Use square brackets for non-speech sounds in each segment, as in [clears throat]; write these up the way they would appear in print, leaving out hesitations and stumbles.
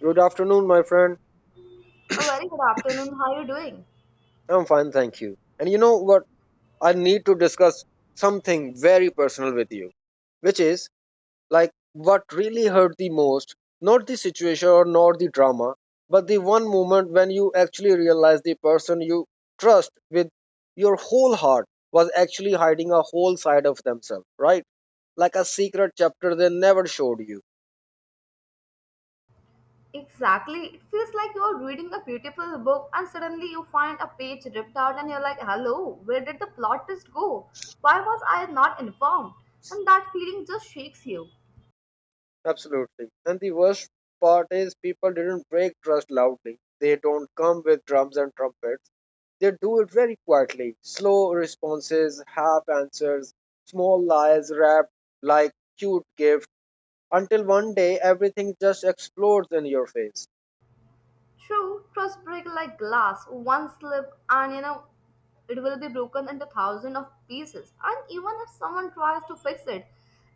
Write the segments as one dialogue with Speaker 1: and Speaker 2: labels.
Speaker 1: Good afternoon, my friend.
Speaker 2: A very good afternoon. How are you doing?
Speaker 1: I'm fine, thank you. And you know what? I need to discuss something very personal with you, which is like what really hurt the most, not the situation or not the drama, but the one moment when you actually realize the person you trust with your whole heart was actually hiding a whole side of themselves, right? Like a secret chapter they never showed you.
Speaker 2: Exactly. It feels like you're reading a beautiful book and suddenly you find a page ripped out and you're like, hello, where did the plot twist go? Why was I not informed? And that feeling just shakes you.
Speaker 1: Absolutely. And the worst part is people didn't break trust loudly. They don't come with drums and trumpets. They do it very quietly. Slow responses, half answers, small lies wrapped like cute gift until one day everything just explodes in your face.
Speaker 2: True, trust break like glass. One slip and it will be broken into thousands of pieces. And even if someone tries to fix it,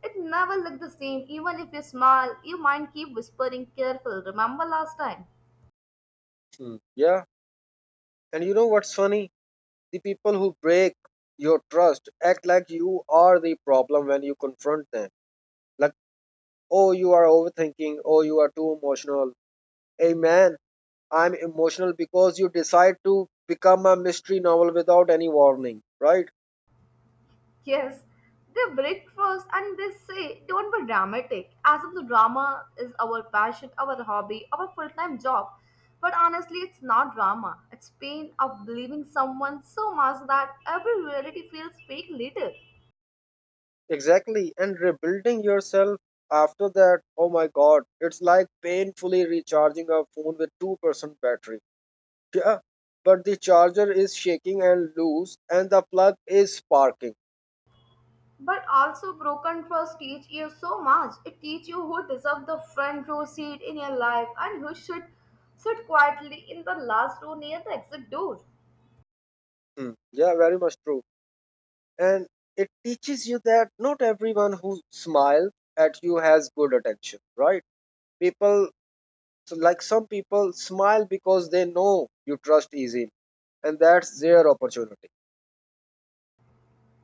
Speaker 2: it never look the same. Even if you smile, your mind keep whispering careful. Remember last time?
Speaker 1: Hmm. Yeah. And you know what's funny? The people who break your trust act like you are the problem when you confront them. Like, oh, you are overthinking. Oh, you are too emotional. Hey, man, I'm emotional because you decide to become a mystery novel without any warning, right?
Speaker 2: Yes, they break first and they say, don't be dramatic, as if the drama is our passion, our hobby, our full time job. But honestly, it's not drama. It's pain of believing someone so much that every reality feels fake later.
Speaker 1: Exactly. And rebuilding yourself after that, oh my god, it's like painfully recharging a phone with 2% battery. Yeah, but the charger is shaking and loose, and the plug is sparking.
Speaker 2: But also, broken trust teach you so much. It teach you who deserve the front row seat in your life and who should sit quietly in the last row near the exit door.
Speaker 1: Hmm. Yeah, very much true. And it teaches you that not everyone who smiles at you has good attention, right? People So like some people smile because they know you trust easily, and that's their opportunity.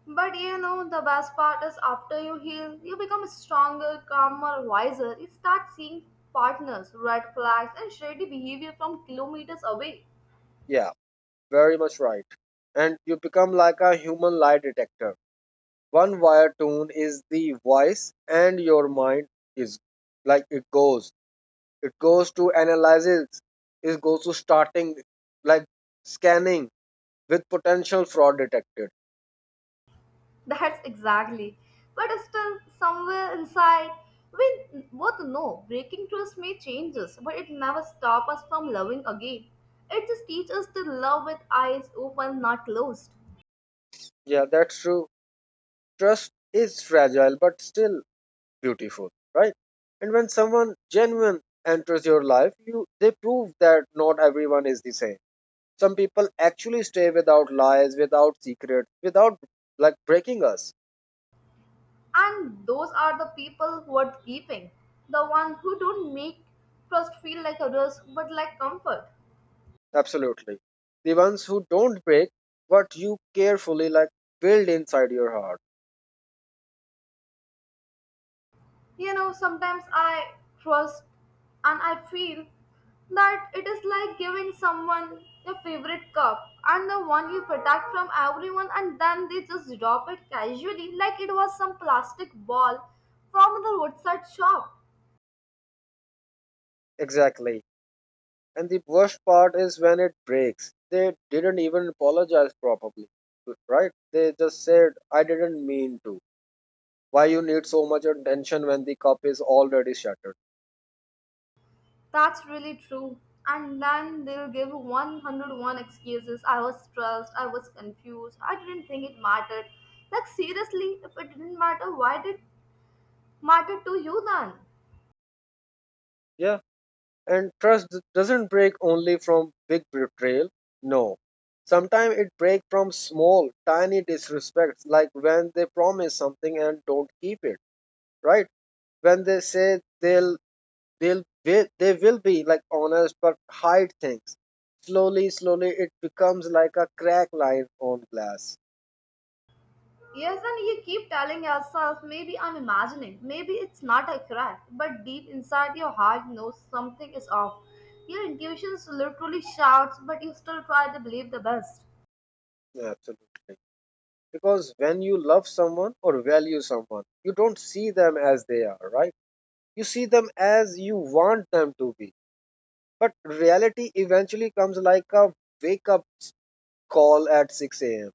Speaker 2: But the best part is after you heal, you become stronger, calmer, wiser. You start seeing partners, red flags, and shady behavior from kilometers away.
Speaker 1: Yeah, very much right. And you become like a human lie detector. One wire tune is the voice, and your mind is like it goes. It goes to analysis. It goes to starting like scanning with potential fraud detected.
Speaker 2: [laughs] That's exactly. But still, somewhere inside, we both know breaking trust may change us, but it never stops us from loving again. It just teaches us to love with eyes open, not closed.
Speaker 1: Yeah, that's true. Trust is fragile, but still beautiful, right? And when someone genuine enters your life, you they prove that not everyone is the same. Some people actually stay without lies, without secrets, without like breaking us.
Speaker 2: And those are the people worth keeping. The one who don't make trust feel like a risk but like comfort.
Speaker 1: Absolutely. The ones who don't break what you carefully like build inside your heart.
Speaker 2: Sometimes I trust and I feel that it is like giving someone your favorite cup and the one you protect from everyone and then they just drop it casually like it was some plastic ball from the roadside shop.
Speaker 1: Exactly. And the worst part is when it breaks. They didn't even apologize properly, right? They just said, I didn't mean to. Why you need so much attention when the cup is already shattered.
Speaker 2: That's really true. And then they'll give 101 excuses. I was stressed, I was confused, I didn't think it mattered. Like, seriously, if it didn't matter, why did it matter to you then?
Speaker 1: Yeah, and trust doesn't break only from big betrayal. No, sometimes it breaks from small tiny disrespects, like when they promise something and don't keep it, right? When they say they will be like honest but hide things. Slowly slowly it becomes like a crack line on glass.
Speaker 2: Yes, and you keep telling yourself, maybe I'm imagining, maybe it's not accurate, but deep inside your heart knows something is off. Your intuition literally shouts, but you still try to believe the best.
Speaker 1: Absolutely. Because when you love someone or value someone, you don't see them as they are, right? You see them as you want them to be. But reality eventually comes like a wake up call at 6 a.m.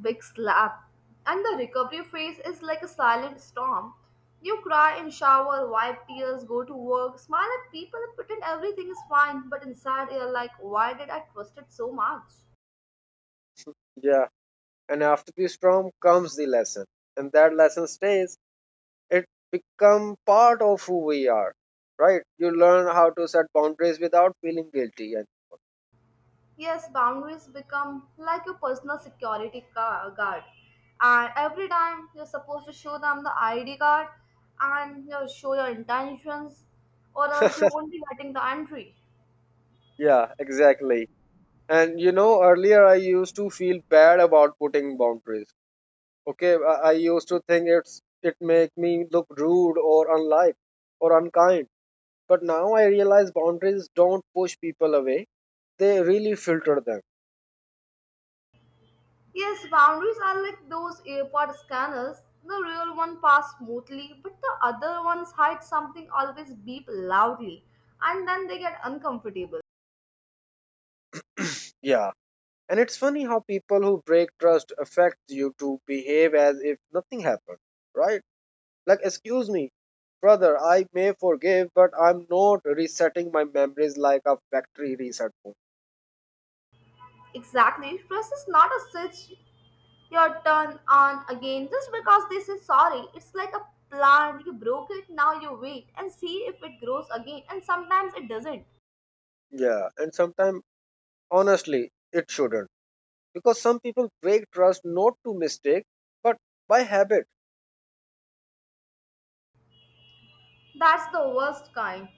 Speaker 2: Big slap. And the recovery phase is like a silent storm. You cry and shower, wipe tears, go to work, smile at people, and pretend everything is fine, but inside you're like, why did I trust it so much?
Speaker 1: Yeah. And after the storm comes the lesson. And that lesson stays. It become part of who we are, right? You learn how to set boundaries without feeling guilty. And
Speaker 2: Yes, boundaries become like your personal guard. And every time you're supposed to show them the ID card and you show your intentions, or else you won't be getting the entry.
Speaker 1: yeah, exactly. And you know, earlier I used to feel bad about putting boundaries. Okay, I used to think it make me look rude or unlike or unkind, but now I realize boundaries don't push people away; they really filter them.
Speaker 2: Yes, boundaries are like those earpod scanners. The real one pass smoothly, but the other ones hide something always beep loudly, and then they get uncomfortable.
Speaker 1: Yeah, and it's funny how people who break trust affect you to behave as if nothing happened, right? Like, excuse me, brother, I may forgive, but I'm not resetting my memories like a factory reset phone.
Speaker 2: Exactly, stress is not a switch your turn on again just because they say sorry. It's like a plant, you broke it, now you wait and see if it grows again, and sometimes it doesn't.
Speaker 1: Yeah, and sometimes honestly, it shouldn't. Because some people break trust not to mistake but by habit.
Speaker 2: That's the worst kind.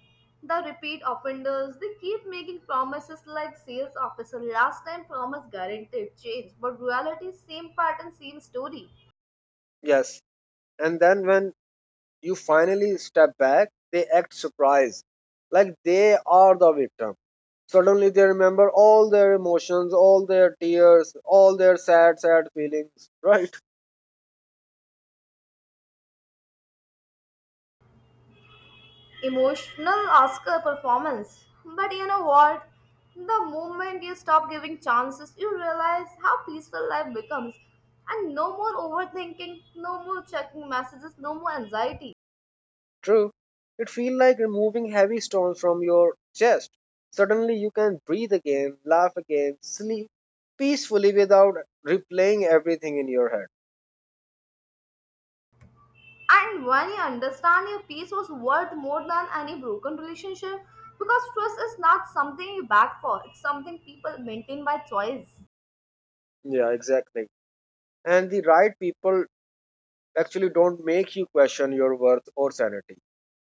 Speaker 2: The repeat offenders, they keep making promises like sales officer last time promise guaranteed change, but reality same pattern, same story.
Speaker 1: Yes, and then when you finally step back they act surprised, like they are the victim. Suddenly they remember all their emotions, all their tears, all their sad sad feelings [laughs] right?
Speaker 2: Emotional Oscar performance. But you know what? The moment you stop giving chances, you realize how peaceful life becomes. And no more overthinking, no more checking messages, no more anxiety.
Speaker 1: True, it feels like removing heavy stones from your chest. Suddenly you can breathe again, laugh again, sleep peacefully without replaying everything in your
Speaker 2: And when you understand your peace was worth more than any broken relationship, because trust is not something you beg for, it's something people maintain by choice.
Speaker 1: head. Yeah, exactly. And the right people actually don't make you question your worth or sanity.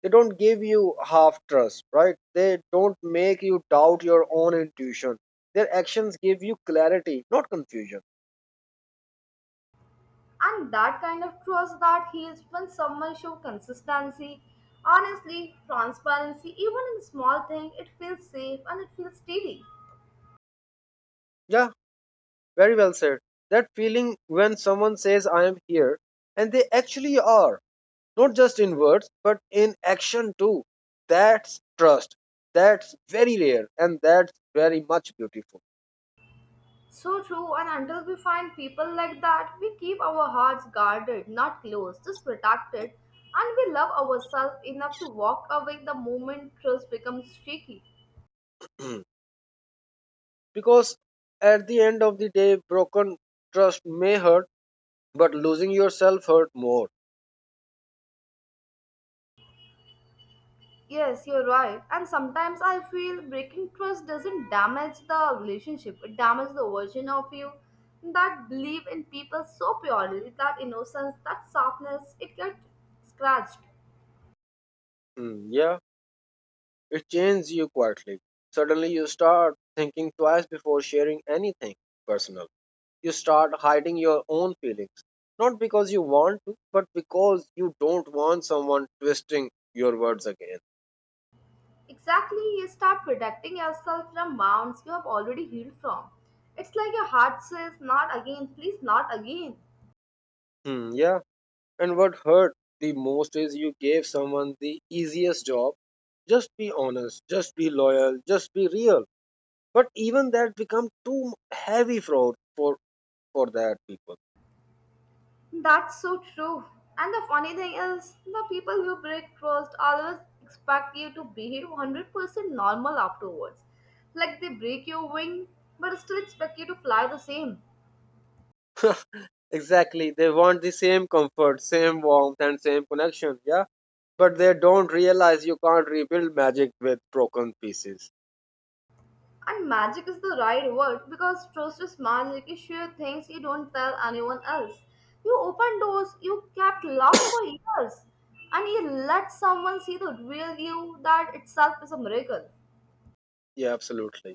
Speaker 1: They don't give you half trust, right? They don't make you doubt your own intuition. Their actions give you clarity, not confusion.
Speaker 2: And that kind of trust that heals when someone shows consistency, honestly, transparency, even in small thing, it feels safe and it feels steady.
Speaker 1: Yeah, very well said. That feeling when someone says I am here, and they actually are, not just in words but in action too. That's trust. That's very rare, and that's very much beautiful.
Speaker 2: So true, and until we find people like that, we keep our hearts guarded, not closed, just protected, and we love ourselves enough to walk away the moment trust becomes shaky.
Speaker 1: [clears throat] Because at the end of the day, broken trust may hurt, but losing yourself hurt more.
Speaker 2: Yes, you're right. And sometimes I feel breaking trust doesn't damage the relationship, it damages the version of you that believe in people so purely, that innocence, that softness, it gets scratched.
Speaker 1: Hmm, yeah, it changes you quietly. Suddenly you start thinking twice before sharing anything personal. You start hiding your own feelings, not because you want to, but because you don't want someone twisting your words again.
Speaker 2: Exactly, you start protecting yourself from wounds you have already healed from. It's like your heart says, not again, please, not again.
Speaker 1: Hmm, yeah, and what hurt the most is you gave someone the easiest job, just be honest, just be loyal, just be real. But even that become too heavy for that people.
Speaker 2: That's so true. And the funny thing is, the people who break trust always expect you to behave 100% normal afterwards. Like they break your wing, but still expect you to fly the same.
Speaker 1: Exactly, they want the same comfort, same warmth, and same connection. Yeah, but they don't realize you can't rebuild magic with broken pieces.
Speaker 2: And magic is the right word because trust is magic. You share things you don't tell anyone else. You open doors you kept locked for years. And you let someone see the real you. That itself is a miracle.
Speaker 1: Yeah, absolutely.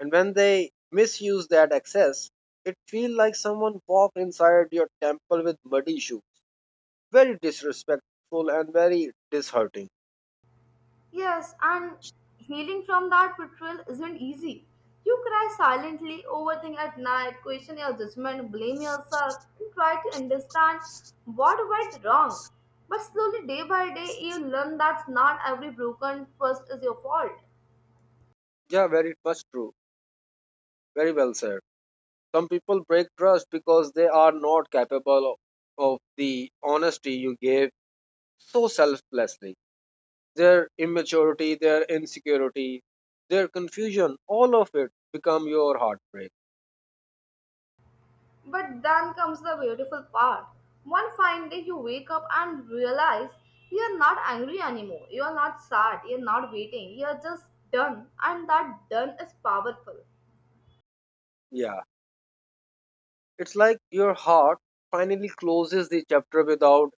Speaker 1: And when they misuse that access, it feels like someone walked inside your temple with muddy shoes. Very disrespectful and very disheartening.
Speaker 2: Yes, and healing from that betrayal isn't easy. You cry silently, overthink at night, question your judgment, blame yourself, and try to understand what went wrong. But slowly, day by day, you learn that not every broken trust is your fault.
Speaker 1: Yeah, very much true. Very well said. Some people break trust because they are not capable of the honesty you gave so selflessly. Their immaturity, their insecurity, their confusion, all of it become your heartbreak.
Speaker 2: But then comes the beautiful part. One fine day you wake up and realize you are not angry anymore. You are not sad. You are not waiting. You are just done. And that done is powerful.
Speaker 1: Yeah, it's like your heart finally closes the chapter without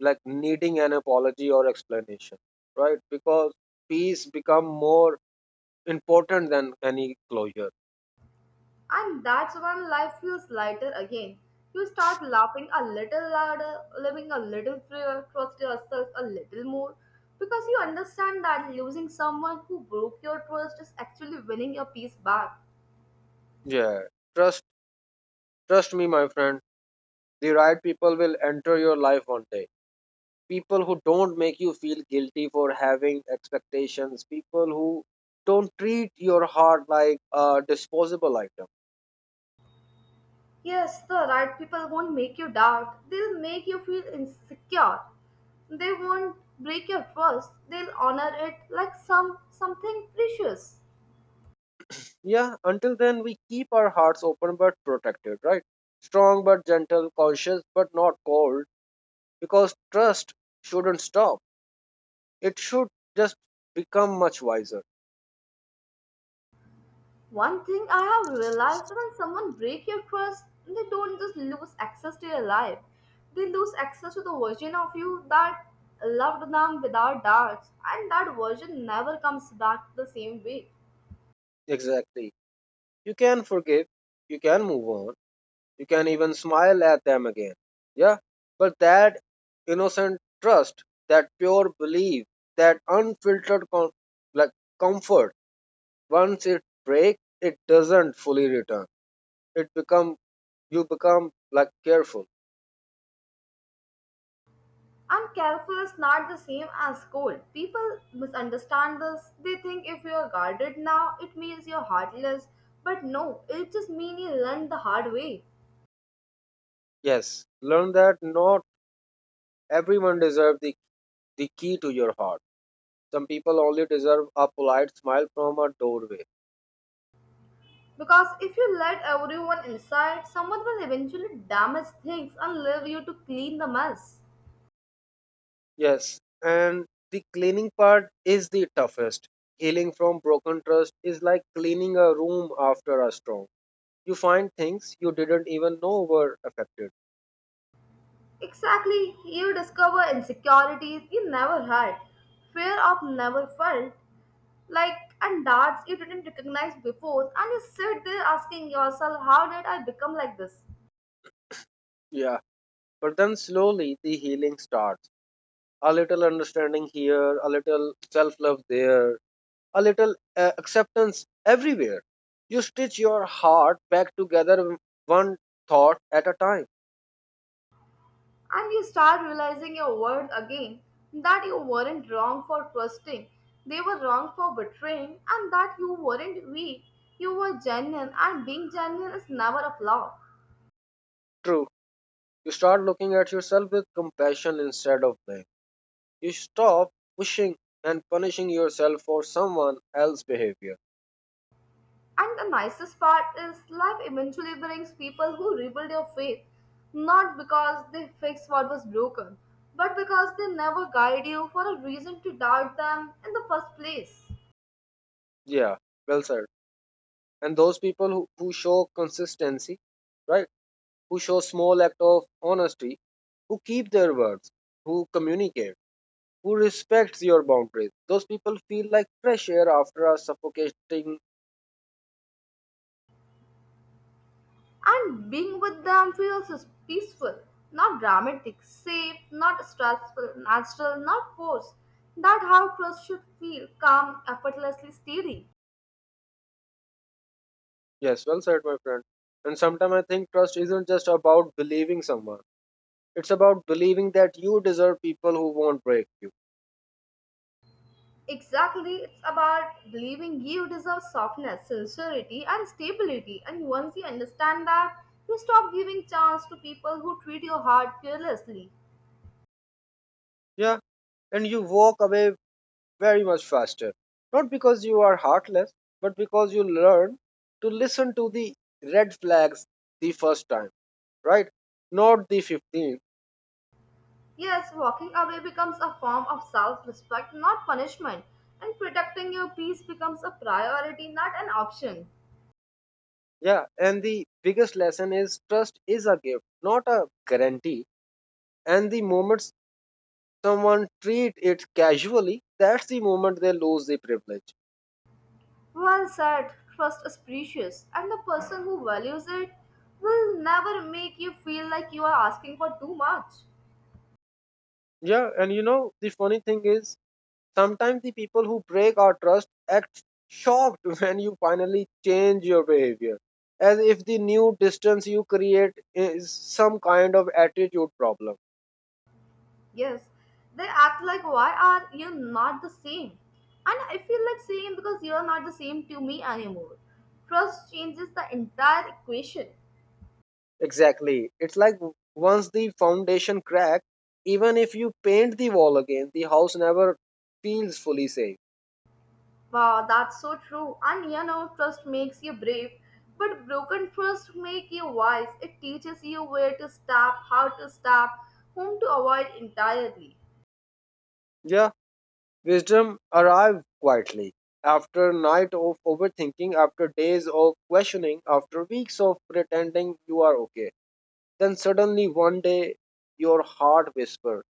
Speaker 1: like needing an apology or explanation, right? Because peace become more important than any closure.
Speaker 2: And that's when life feels lighter again. You start laughing a little louder, living a little freer, trust yourself a little more. Because you understand that losing someone who broke your trust is actually winning your peace back.
Speaker 1: Yeah, trust trust me my friend, the right people will enter your life one day. People who don't make you feel guilty for having expectations, people who don't treat your heart like a disposable item.
Speaker 2: Yes, the right people won't make you doubt. They'll make you feel insecure. They won't break your trust. They'll honor it like something precious.
Speaker 1: Yeah, until then we keep our hearts open but protected, right? Strong but gentle, conscious but not cold. Because trust shouldn't stop, it should just become much wiser.
Speaker 2: One thing I have realized when someone break your trust, they don't just lose access to your life. They lose access to the version of you that loved them without doubts, and that version never comes back the same way.
Speaker 1: Exactly, you can forgive, you can move on, you can even smile at them again. Yeah, but that innocent trust, that pure belief, that unfiltered like comfort, once it breaks it doesn't fully return. It become You become like careful.
Speaker 2: And careful is not the same as cold. People misunderstand this. They think if you are guarded now, it means you're heartless. But no, it just means you learned the hard way.
Speaker 1: Yes, learn that not everyone deserves the key to your heart. Some people only deserve a polite smile from a doorway.
Speaker 2: Because if you let everyone inside, someone will eventually damage things and leave you to clean the mess.
Speaker 1: Yes, and the cleaning part is the toughest. Healing from broken trust is like cleaning a room after a storm. You find things you didn't even know were affected.
Speaker 2: Exactly, you discover insecurities you never had, fear of never felt, like and doubts you didn't recognize before, and you sit there asking yourself, how did I become like this?
Speaker 1: Yeah, but then slowly the healing starts. A little understanding here, a little self love there, a little acceptance everywhere. You stitch your heart back together one thought at a time.
Speaker 2: And you start realizing your worth again that you weren't wrong for trusting, they were wrong for betraying, and that you weren't weak. You were genuine, and being genuine is never a flaw.
Speaker 1: True, you start looking at yourself with compassion instead of blame. You stop pushing and punishing yourself for someone else's behavior.
Speaker 2: And the nicest part is life eventually brings people who rebuild your faith, not because they fix what was broken, but because they never guide you for a reason to doubt them in the first place.
Speaker 1: Yeah, well said. And those people who show consistency, right? Who show small act of honesty, who keep their words, who communicate, who respects your boundaries. Those people feel like fresh air after a suffocating.
Speaker 2: And being with them feels as peaceful, not dramatic, safe, not stressful, natural, not forced. That how trust should feel calm, effortlessly steady.
Speaker 1: Yes, well said, my friend. And sometimes I think trust isn't just about believing someone. It's about believing that you deserve people who won't break you.
Speaker 2: Exactly, it's about believing you deserve softness, sincerity, and stability. And once you understand that, you stop giving chance to people who treat your heart carelessly.
Speaker 1: Yeah, and you walk away very much faster. Not because you are heartless, but because you learn to listen to the red flags the first time, right? Not the 15th.
Speaker 2: Yes, walking away becomes a form of self respect, not punishment, and protecting your peace becomes a priority, not an option.
Speaker 1: Yeah, and the biggest lesson is trust is a gift, not a guarantee. And the moment someone treat it casually, that's the moment they lose the privilege.
Speaker 2: Well said, trust is precious, and the person who values it will never make you feel like you are asking for too much.
Speaker 1: Yeah, and you know, the funny thing is, sometimes the people who break our trust act shocked [laughs] when you finally change your behavior, as if the new distance you create is some kind of attitude problem.
Speaker 2: Yes, they act like, why are you not the same? And I feel like saying, because you are not the same to me anymore. Trust changes the entire equation.
Speaker 1: Exactly. It's like once the foundation cracks, even if you paint the wall again, the house never feels fully safe.
Speaker 2: Wow, that's so true. And trust makes you brave, but broken trust makes you wise. It teaches you where to stop, how to stop, whom to avoid entirely.
Speaker 1: Yeah, wisdom arrived quietly. After night of overthinking, after days of questioning, after weeks of pretending you are okay. Then suddenly one day your heart whispered,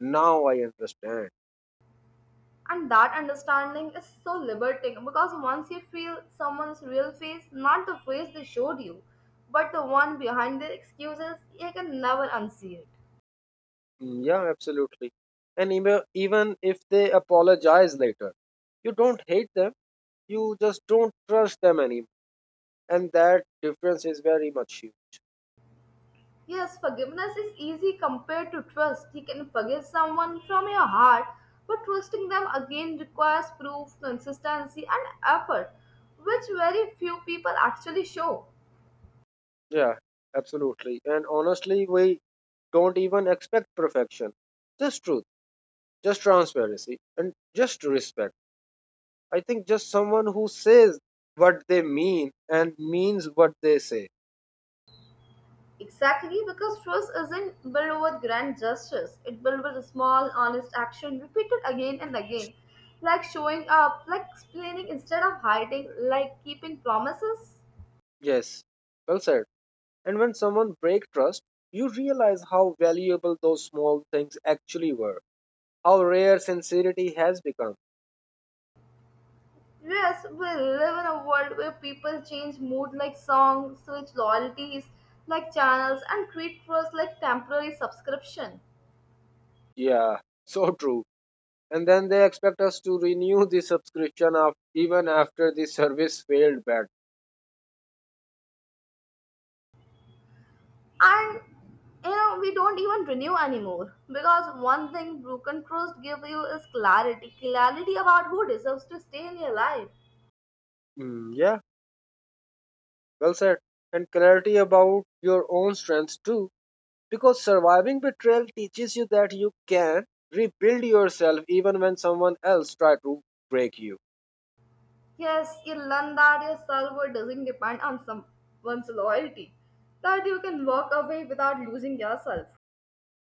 Speaker 1: now I understand.
Speaker 2: And that understanding is so liberating because once you feel someone's real face, not the face they showed you, but the one behind their excuses, you can never unsee it.
Speaker 1: Mm, yeah, absolutely. And even if they apologize later, you don't hate them, you just don't trust them anymore. And that difference is very much huge.
Speaker 2: Yes, forgiveness is easy compared to trust. You can forgive someone from your heart, but trusting them again requires proof, consistency, and effort, which very few people actually show.
Speaker 1: Yeah, absolutely. And honestly, we don't even expect perfection. Just truth, just transparency, and just respect. I think just someone who says what they mean and means what they say.
Speaker 2: Exactly, because trust isn't built with grand gestures. It built with small, honest action repeated again and again, like showing up, like explaining instead of hiding, like keeping promises.
Speaker 1: Yes, well said. And when someone breaks trust, you realize how valuable those small things actually were, how rare sincerity has become.
Speaker 2: Yes, we live in a world where people change mood like songs, switch loyalties like channels, and treat trust like temporary subscription.
Speaker 1: Yeah, [laughs] so true. And then they expect us to renew the subscription of even after the service failed bad.
Speaker 2: And we don't even renew anymore because one thing broken trust give you is clarity, clarity about who deserves to stay in your life.
Speaker 1: Mm, yeah, well said. And clarity about your own strengths too, because surviving betrayal teaches you that you can rebuild yourself even when someone else tries to break you.
Speaker 2: Yes, you learn that your self-worth doesn't depend on someone's loyalty, that you can walk away without losing yourself.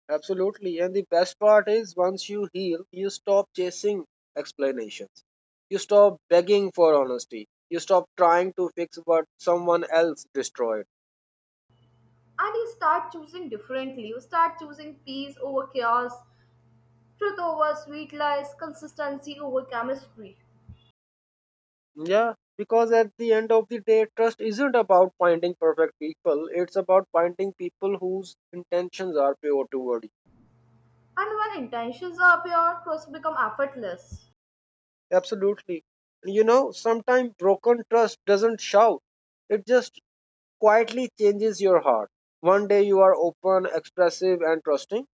Speaker 1: Absolutely. And the best part is once you heal, you stop chasing explanations. You stop begging for honesty. You stop trying to fix what someone else destroyed.
Speaker 2: And you start choosing differently, you start choosing peace over chaos, truth over sweet lies, consistency over chemistry.
Speaker 1: Yeah, because at the end of the day, trust isn't about finding perfect people, it's about finding people whose intentions are pure toward you.
Speaker 2: And when intentions are pure, trust become effortless.
Speaker 1: Absolutely. You know, sometimes broken trust doesn't shout, it just quietly changes your heart. One day you are open, expressive, and trusting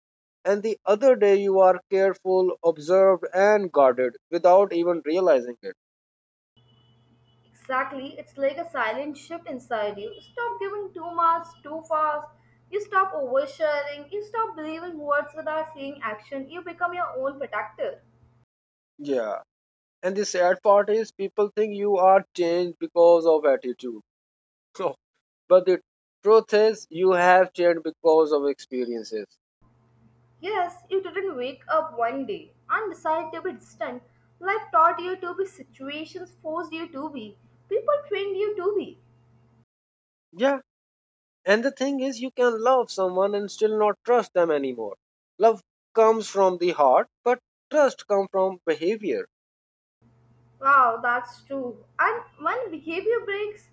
Speaker 1: and the other day you are careful, observed, and guarded without even realizing it.
Speaker 2: Exactly, it's like a silent shift inside you. Stop giving too much, too fast. You stop oversharing. You stop believing words without seeing action. You become your own protector.
Speaker 1: Yeah. And the sad part is people think you are changed because of attitude. [laughs] So, but the truth is you have changed because of experiences.
Speaker 2: Yes, you didn't wake up one day and decide to be distant. Life taught you to be, situations forced you to be, people trained you to be.
Speaker 1: Yeah. And the thing is you can love someone and still not trust them anymore. Love comes from the heart, but trust comes from behavior.
Speaker 2: Wow, that's true. And when behavior breaks,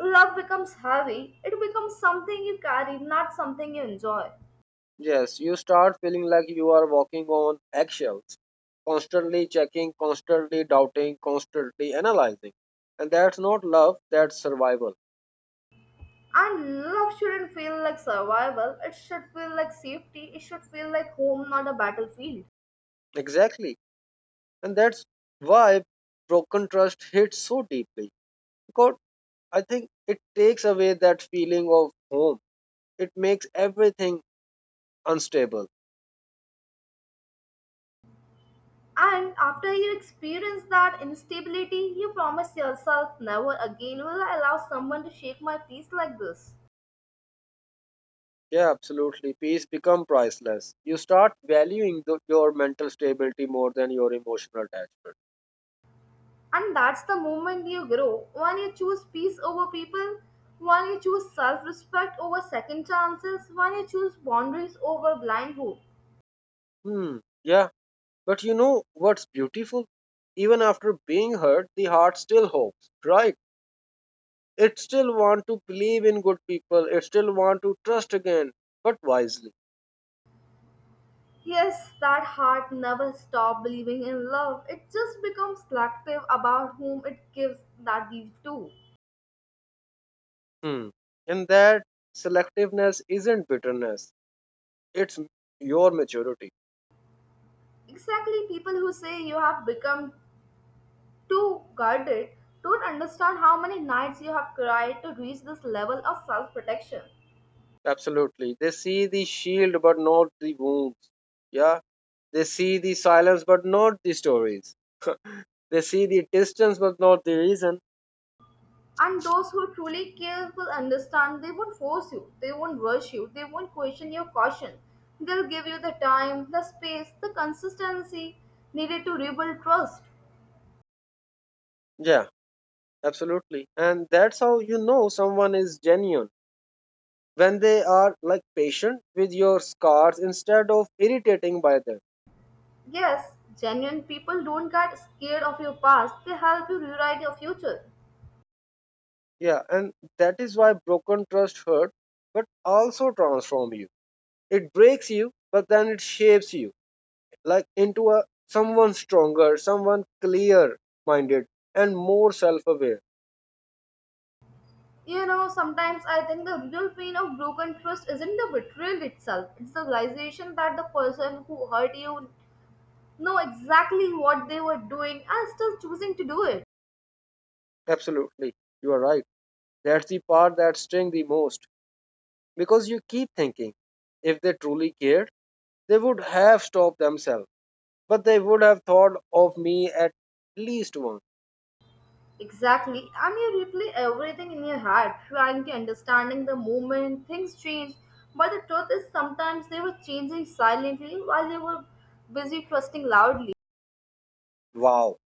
Speaker 2: love becomes heavy. It becomes something you carry, not something you enjoy.
Speaker 1: Yes, you start feeling like you are walking on eggshells, constantly checking, constantly doubting, constantly analyzing. And that's not love, that's survival.
Speaker 2: And love shouldn't feel like survival, it should feel like safety, it should feel like home, not a battlefield.
Speaker 1: Exactly. And that's why broken trust hits so deeply. Because I think it takes away that feeling of home. It makes everything unstable.
Speaker 2: And after you experience that instability, you promise yourself never again will I allow someone to shake my peace like this.
Speaker 1: Yeah, absolutely. Peace become priceless. You start valuing your mental stability more than your emotional attachment.
Speaker 2: And that's the moment you grow. When you choose peace over people, when you choose self respect over second chances, when you choose boundaries over blind hope.
Speaker 1: Hmm. Yeah, but you know what's beautiful? Even after being hurt, the heart still hopes, right? It still want to believe in good people. It still want to trust again, but wisely.
Speaker 2: Yes, that heart never stopped believing in love. It just becomes selective about whom it gives that belief to.
Speaker 1: Hmm. And that selectiveness isn't bitterness. It's m- your maturity.
Speaker 2: Exactly, people who say you have become too guarded don't understand how many nights you have cried to reach this level of self protection.
Speaker 1: Absolutely. They see the shield but not the wounds. Yeah. They see the silence but not the stories. They see the distance but not the reason.
Speaker 2: And those who truly care will understand they won't force you, they won't rush you, they won't question your caution. They'll give you the time, the space, the consistency needed to rebuild trust.
Speaker 1: Yeah. Absolutely. And that's how you know someone is genuine when they are like patient with your scars instead of irritating by them.
Speaker 2: Yes, genuine people don't get scared of your past, they help you rewrite your future.
Speaker 1: Yeah, and that is why broken trust hurt but also transform you. It breaks you but then it shapes you, like into a someone stronger, someone clear minded and more self aware.
Speaker 2: You know, sometimes I think the real pain of broken trust isn't the betrayal itself, it's the realization that the person who hurt you know exactly what they were doing and still choosing to do it.
Speaker 1: Absolutely, you are right. That's the part that stings the most because you keep thinking if they truly cared, they would have stopped themselves, but they would have thought of me at least once.
Speaker 2: Exactly, and you replay everything in your head, trying to understanding the moment things change. But the truth is, sometimes they were changing silently while you were busy trusting loudly.
Speaker 1: Wow,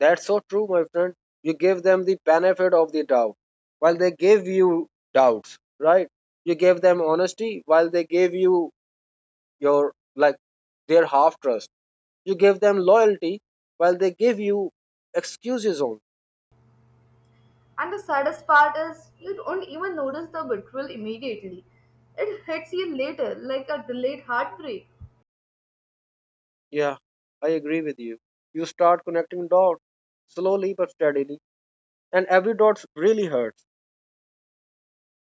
Speaker 1: that's so true, my friend. You give them the benefit of the doubt while they gave you doubts, right? You gave them honesty while they gave you your, like, their half trust. You give them loyalty while they give you excuses on.
Speaker 2: And the saddest part is, you don't even notice the betrayal immediately. It hits you later, like a delayed heartbreak.
Speaker 1: Yeah, I agree with you. You start connecting dots slowly but steadily, and every dot really hurts.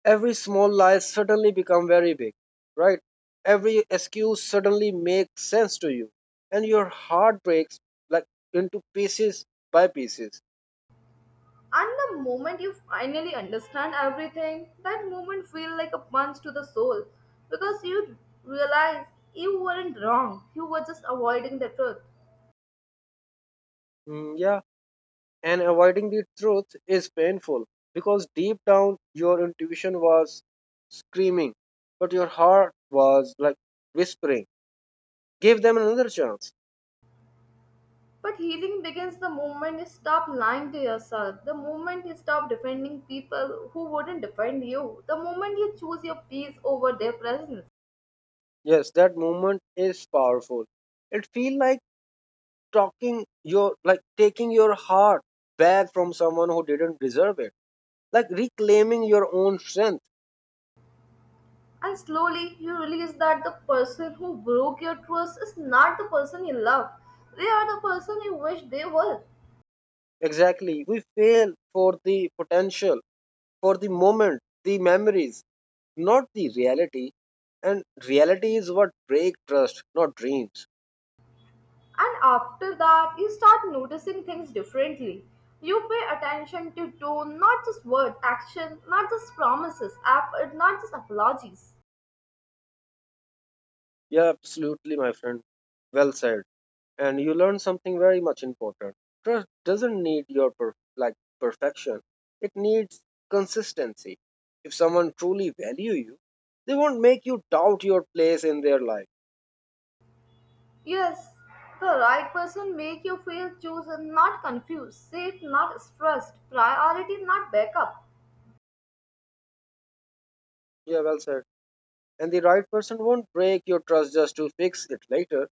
Speaker 1: Every small lie suddenly become very big, right? Every excuse suddenly makes sense to you and your heart breaks, like into pieces by pieces.
Speaker 2: And the moment you finally understand everything, that moment feels like a punch to the soul because you realize you weren't wrong, you were just avoiding the truth.
Speaker 1: Mm, yeah, and avoiding the truth is painful because deep down your intuition was screaming but your heart was like whispering, give them another chance.
Speaker 2: But healing begins the moment you stop lying to yourself, the moment you stop defending people who wouldn't defend you, the moment you choose your peace over their presence.
Speaker 1: Yes, that moment is powerful. It feels like talking your, like taking your heart back from someone who didn't deserve it, like reclaiming your own strength.
Speaker 2: And slowly you realize that the person who broke your trust is not the person you love. They are the person you wish they were.
Speaker 1: Exactly, we fail for the potential, for the moment, the memories, not the reality. And reality is what break trust, not dreams.
Speaker 2: And after that, you start noticing things differently. You pay attention to tone, not just word, action, not just promises, effort, not just apologies.
Speaker 1: Yeah, absolutely, my friend, well said. And you learn something very much important. Trust doesn't need your perfection. It needs consistency. If someone truly value you, they won't make you doubt your place in their life.
Speaker 2: Yes, the right person make you feel chosen, not confused, safe, not stressed, priority, not backup.
Speaker 1: Yeah, well said. And the right person won't break your trust just to fix it later.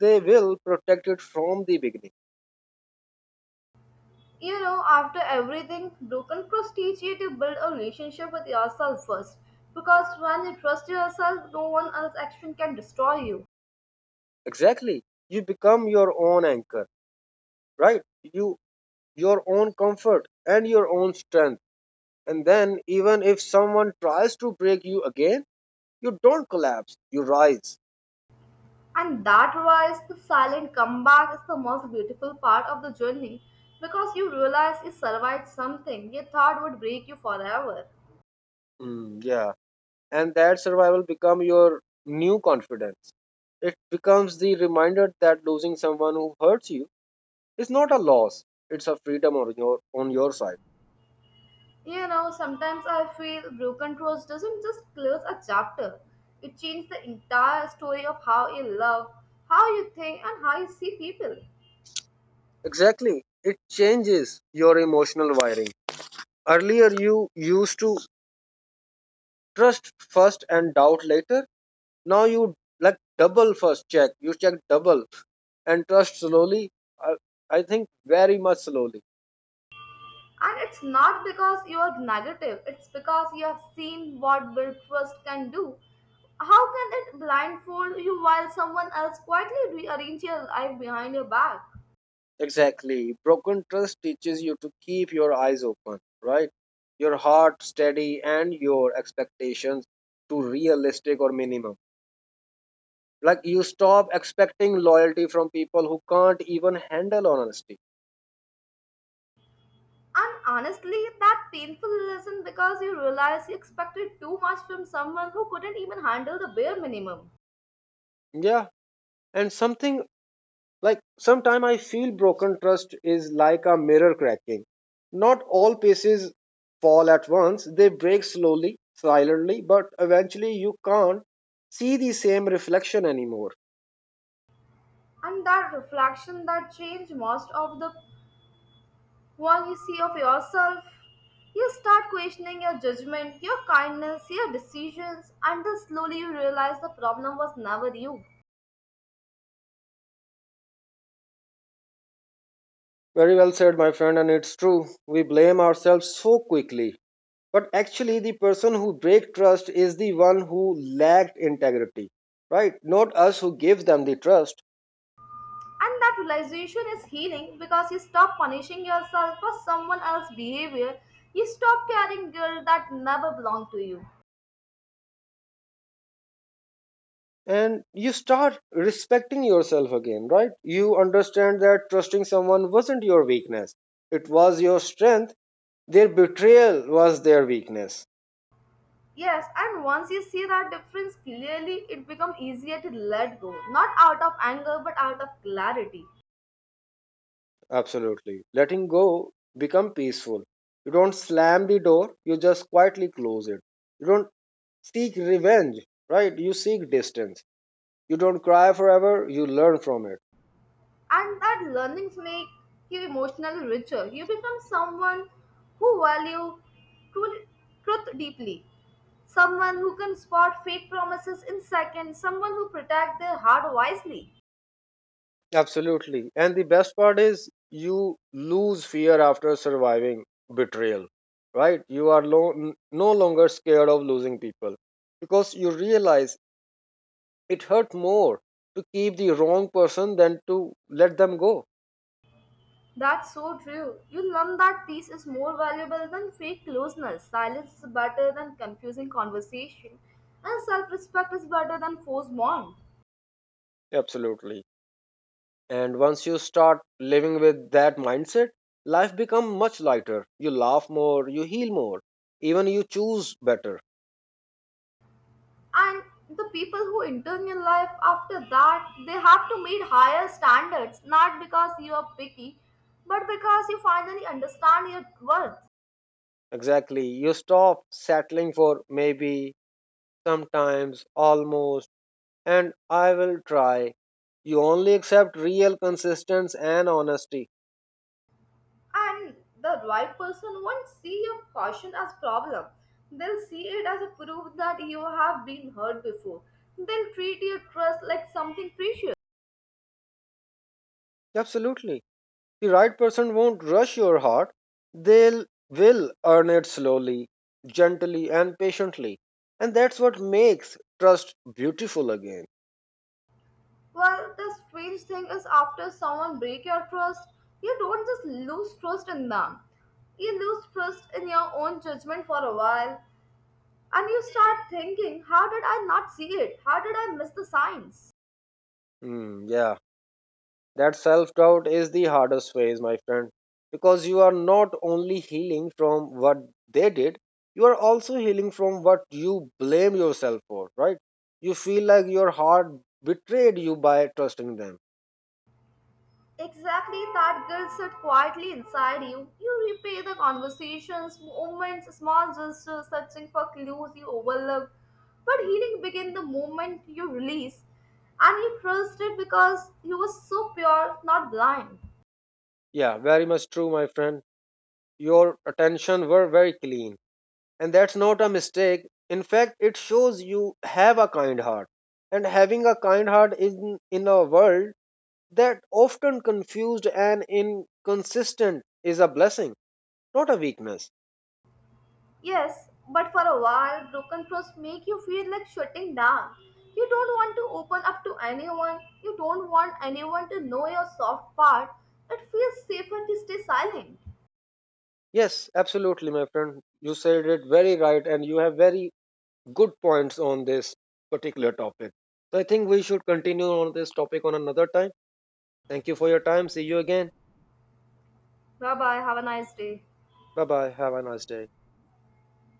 Speaker 1: They will protect it from the beginning.
Speaker 2: You know, after everything, broken trust teach you to build a relationship with yourself first. Because when you trust yourself, no one else's action can destroy you.
Speaker 1: Exactly. You become your own anchor, right? Your own comfort and your own strength. And then even if someone tries to break you again, you don't collapse, you rise.
Speaker 2: And that wise, the silent comeback is the most beautiful part of the journey because you realize you survived something you thought would break you forever.
Speaker 1: Mm, yeah. And that survival become your new confidence. It becomes the reminder that losing someone who hurts you is not a loss, it's a freedom on your side.
Speaker 2: You know, sometimes I feel broken trust doesn't just close a chapter. It changes the entire story of how you love, how you think, and how you see people.
Speaker 1: Exactly, it changes your emotional wiring. Earlier you used to trust first and doubt later. Now you, like double first check, you check double and trust slowly. i, I think very much slowly.
Speaker 2: And it's not because you are negative, it's because you have seen what build trust can do. How can it blindfold you while someone else quietly rearrange your life behind your back?
Speaker 1: Exactly. Broken trust teaches you to keep your eyes open, right? Your heart steady and your expectations to realistic or minimum. Like you stop expecting loyalty from people who can't even handle honesty.
Speaker 2: And honestly, that painful lesson because you realize you expected too much from someone who couldn't even handle the bare minimum.
Speaker 1: Yeah. And something, like sometime I feel broken trust is like a mirror cracking. Not all pieces fall at once. They break slowly, silently, but eventually you can't see the same reflection anymore.
Speaker 2: And that reflection that changed most of the— what you see of yourself, you start questioning your judgment, your kindness, your decisions, until slowly you realize the problem was never you.
Speaker 1: Very well said, my friend, and it's true. We blame ourselves so quickly. But actually, the person who breaks trust is the one who lacked integrity, right? Not us who give them the trust.
Speaker 2: And that realization is healing because you stop punishing yourself for someone else's behavior. You stop carrying guilt that never belonged to you.
Speaker 1: And you start respecting yourself again, right? You understand that trusting someone wasn't your weakness, it was your strength. Their betrayal was their weakness.
Speaker 2: Yes, and once you see that difference clearly, it becomes easier to let go, not out of anger but out of clarity.
Speaker 1: Absolutely. Letting go, become peaceful. You don't slam the door, you just quietly close it. You don't seek revenge, right? You seek distance. You don't cry forever, you learn from it.
Speaker 2: And that learnings make you emotionally richer. You become someone who value truly- truth deeply. Someone who can spot fake promises in seconds, someone who protect their heart wisely.
Speaker 1: Absolutely. And the best part is you lose fear after surviving betrayal, right? You are lo- n- no longer scared of losing people because you realize it hurt more to keep the wrong person than to let them go.
Speaker 2: That's so true. You learn that peace is more valuable than fake closeness. Silence is better than confusing conversation. And self respect is better than forced bond.
Speaker 1: Absolutely. And once you start living with that mindset, life becomes much lighter. You laugh more, you heal more, even you choose better.
Speaker 2: And the people who enter your life after that, they have to meet higher standards, not because you are picky but because you finally understand your worth.
Speaker 1: Exactly. You stop settling for maybe, sometimes, almost, and I will try. You only accept real consistency and honesty.
Speaker 2: And the right person won't see your caution as problem, they'll see it as a proof that you have been hurt before. They'll treat your trust like something precious.
Speaker 1: Absolutely. The right person won't rush your heart. They'll will earn it slowly, gently and patiently. And that's what makes trust beautiful again.
Speaker 2: Well, the strange thing is, after someone break your trust, you don't just lose trust in them, you lose trust in your own judgment for a while. And you start thinking, how did I not see it? How did I miss the signs?
Speaker 1: Hmm, yeah. That self doubt is the hardest phase, my friend, because you are not only healing from what they did, you are also healing from what you blame yourself for, right? You feel like your heart betrayed you by trusting them.
Speaker 2: Exactly, that guilt sits quietly inside you. You replay the conversations, moments, small gestures, searching for clues you overlooked. But healing begins the moment you release, and you trust it because you were so pure, not blind.
Speaker 1: Yeah, very much true, my friend. Your attention were very clean, and that's not a mistake. In fact, it shows you have a kind heart. And having a kind heart in a world that often confused and inconsistent is a blessing, not a weakness.
Speaker 2: Yes, but for a while, broken trust make you feel like shutting down. You don't want to open up to anyone. You don't want anyone to know your soft part. It feels safer to stay silent.
Speaker 1: Yes, absolutely, my friend. You said it very right, and you have very good points on this particular topic. So I think we should continue on this topic on another time. Thank you for your time. See you again.
Speaker 2: Bye bye. Have a nice day.
Speaker 1: Bye bye. Have a nice day.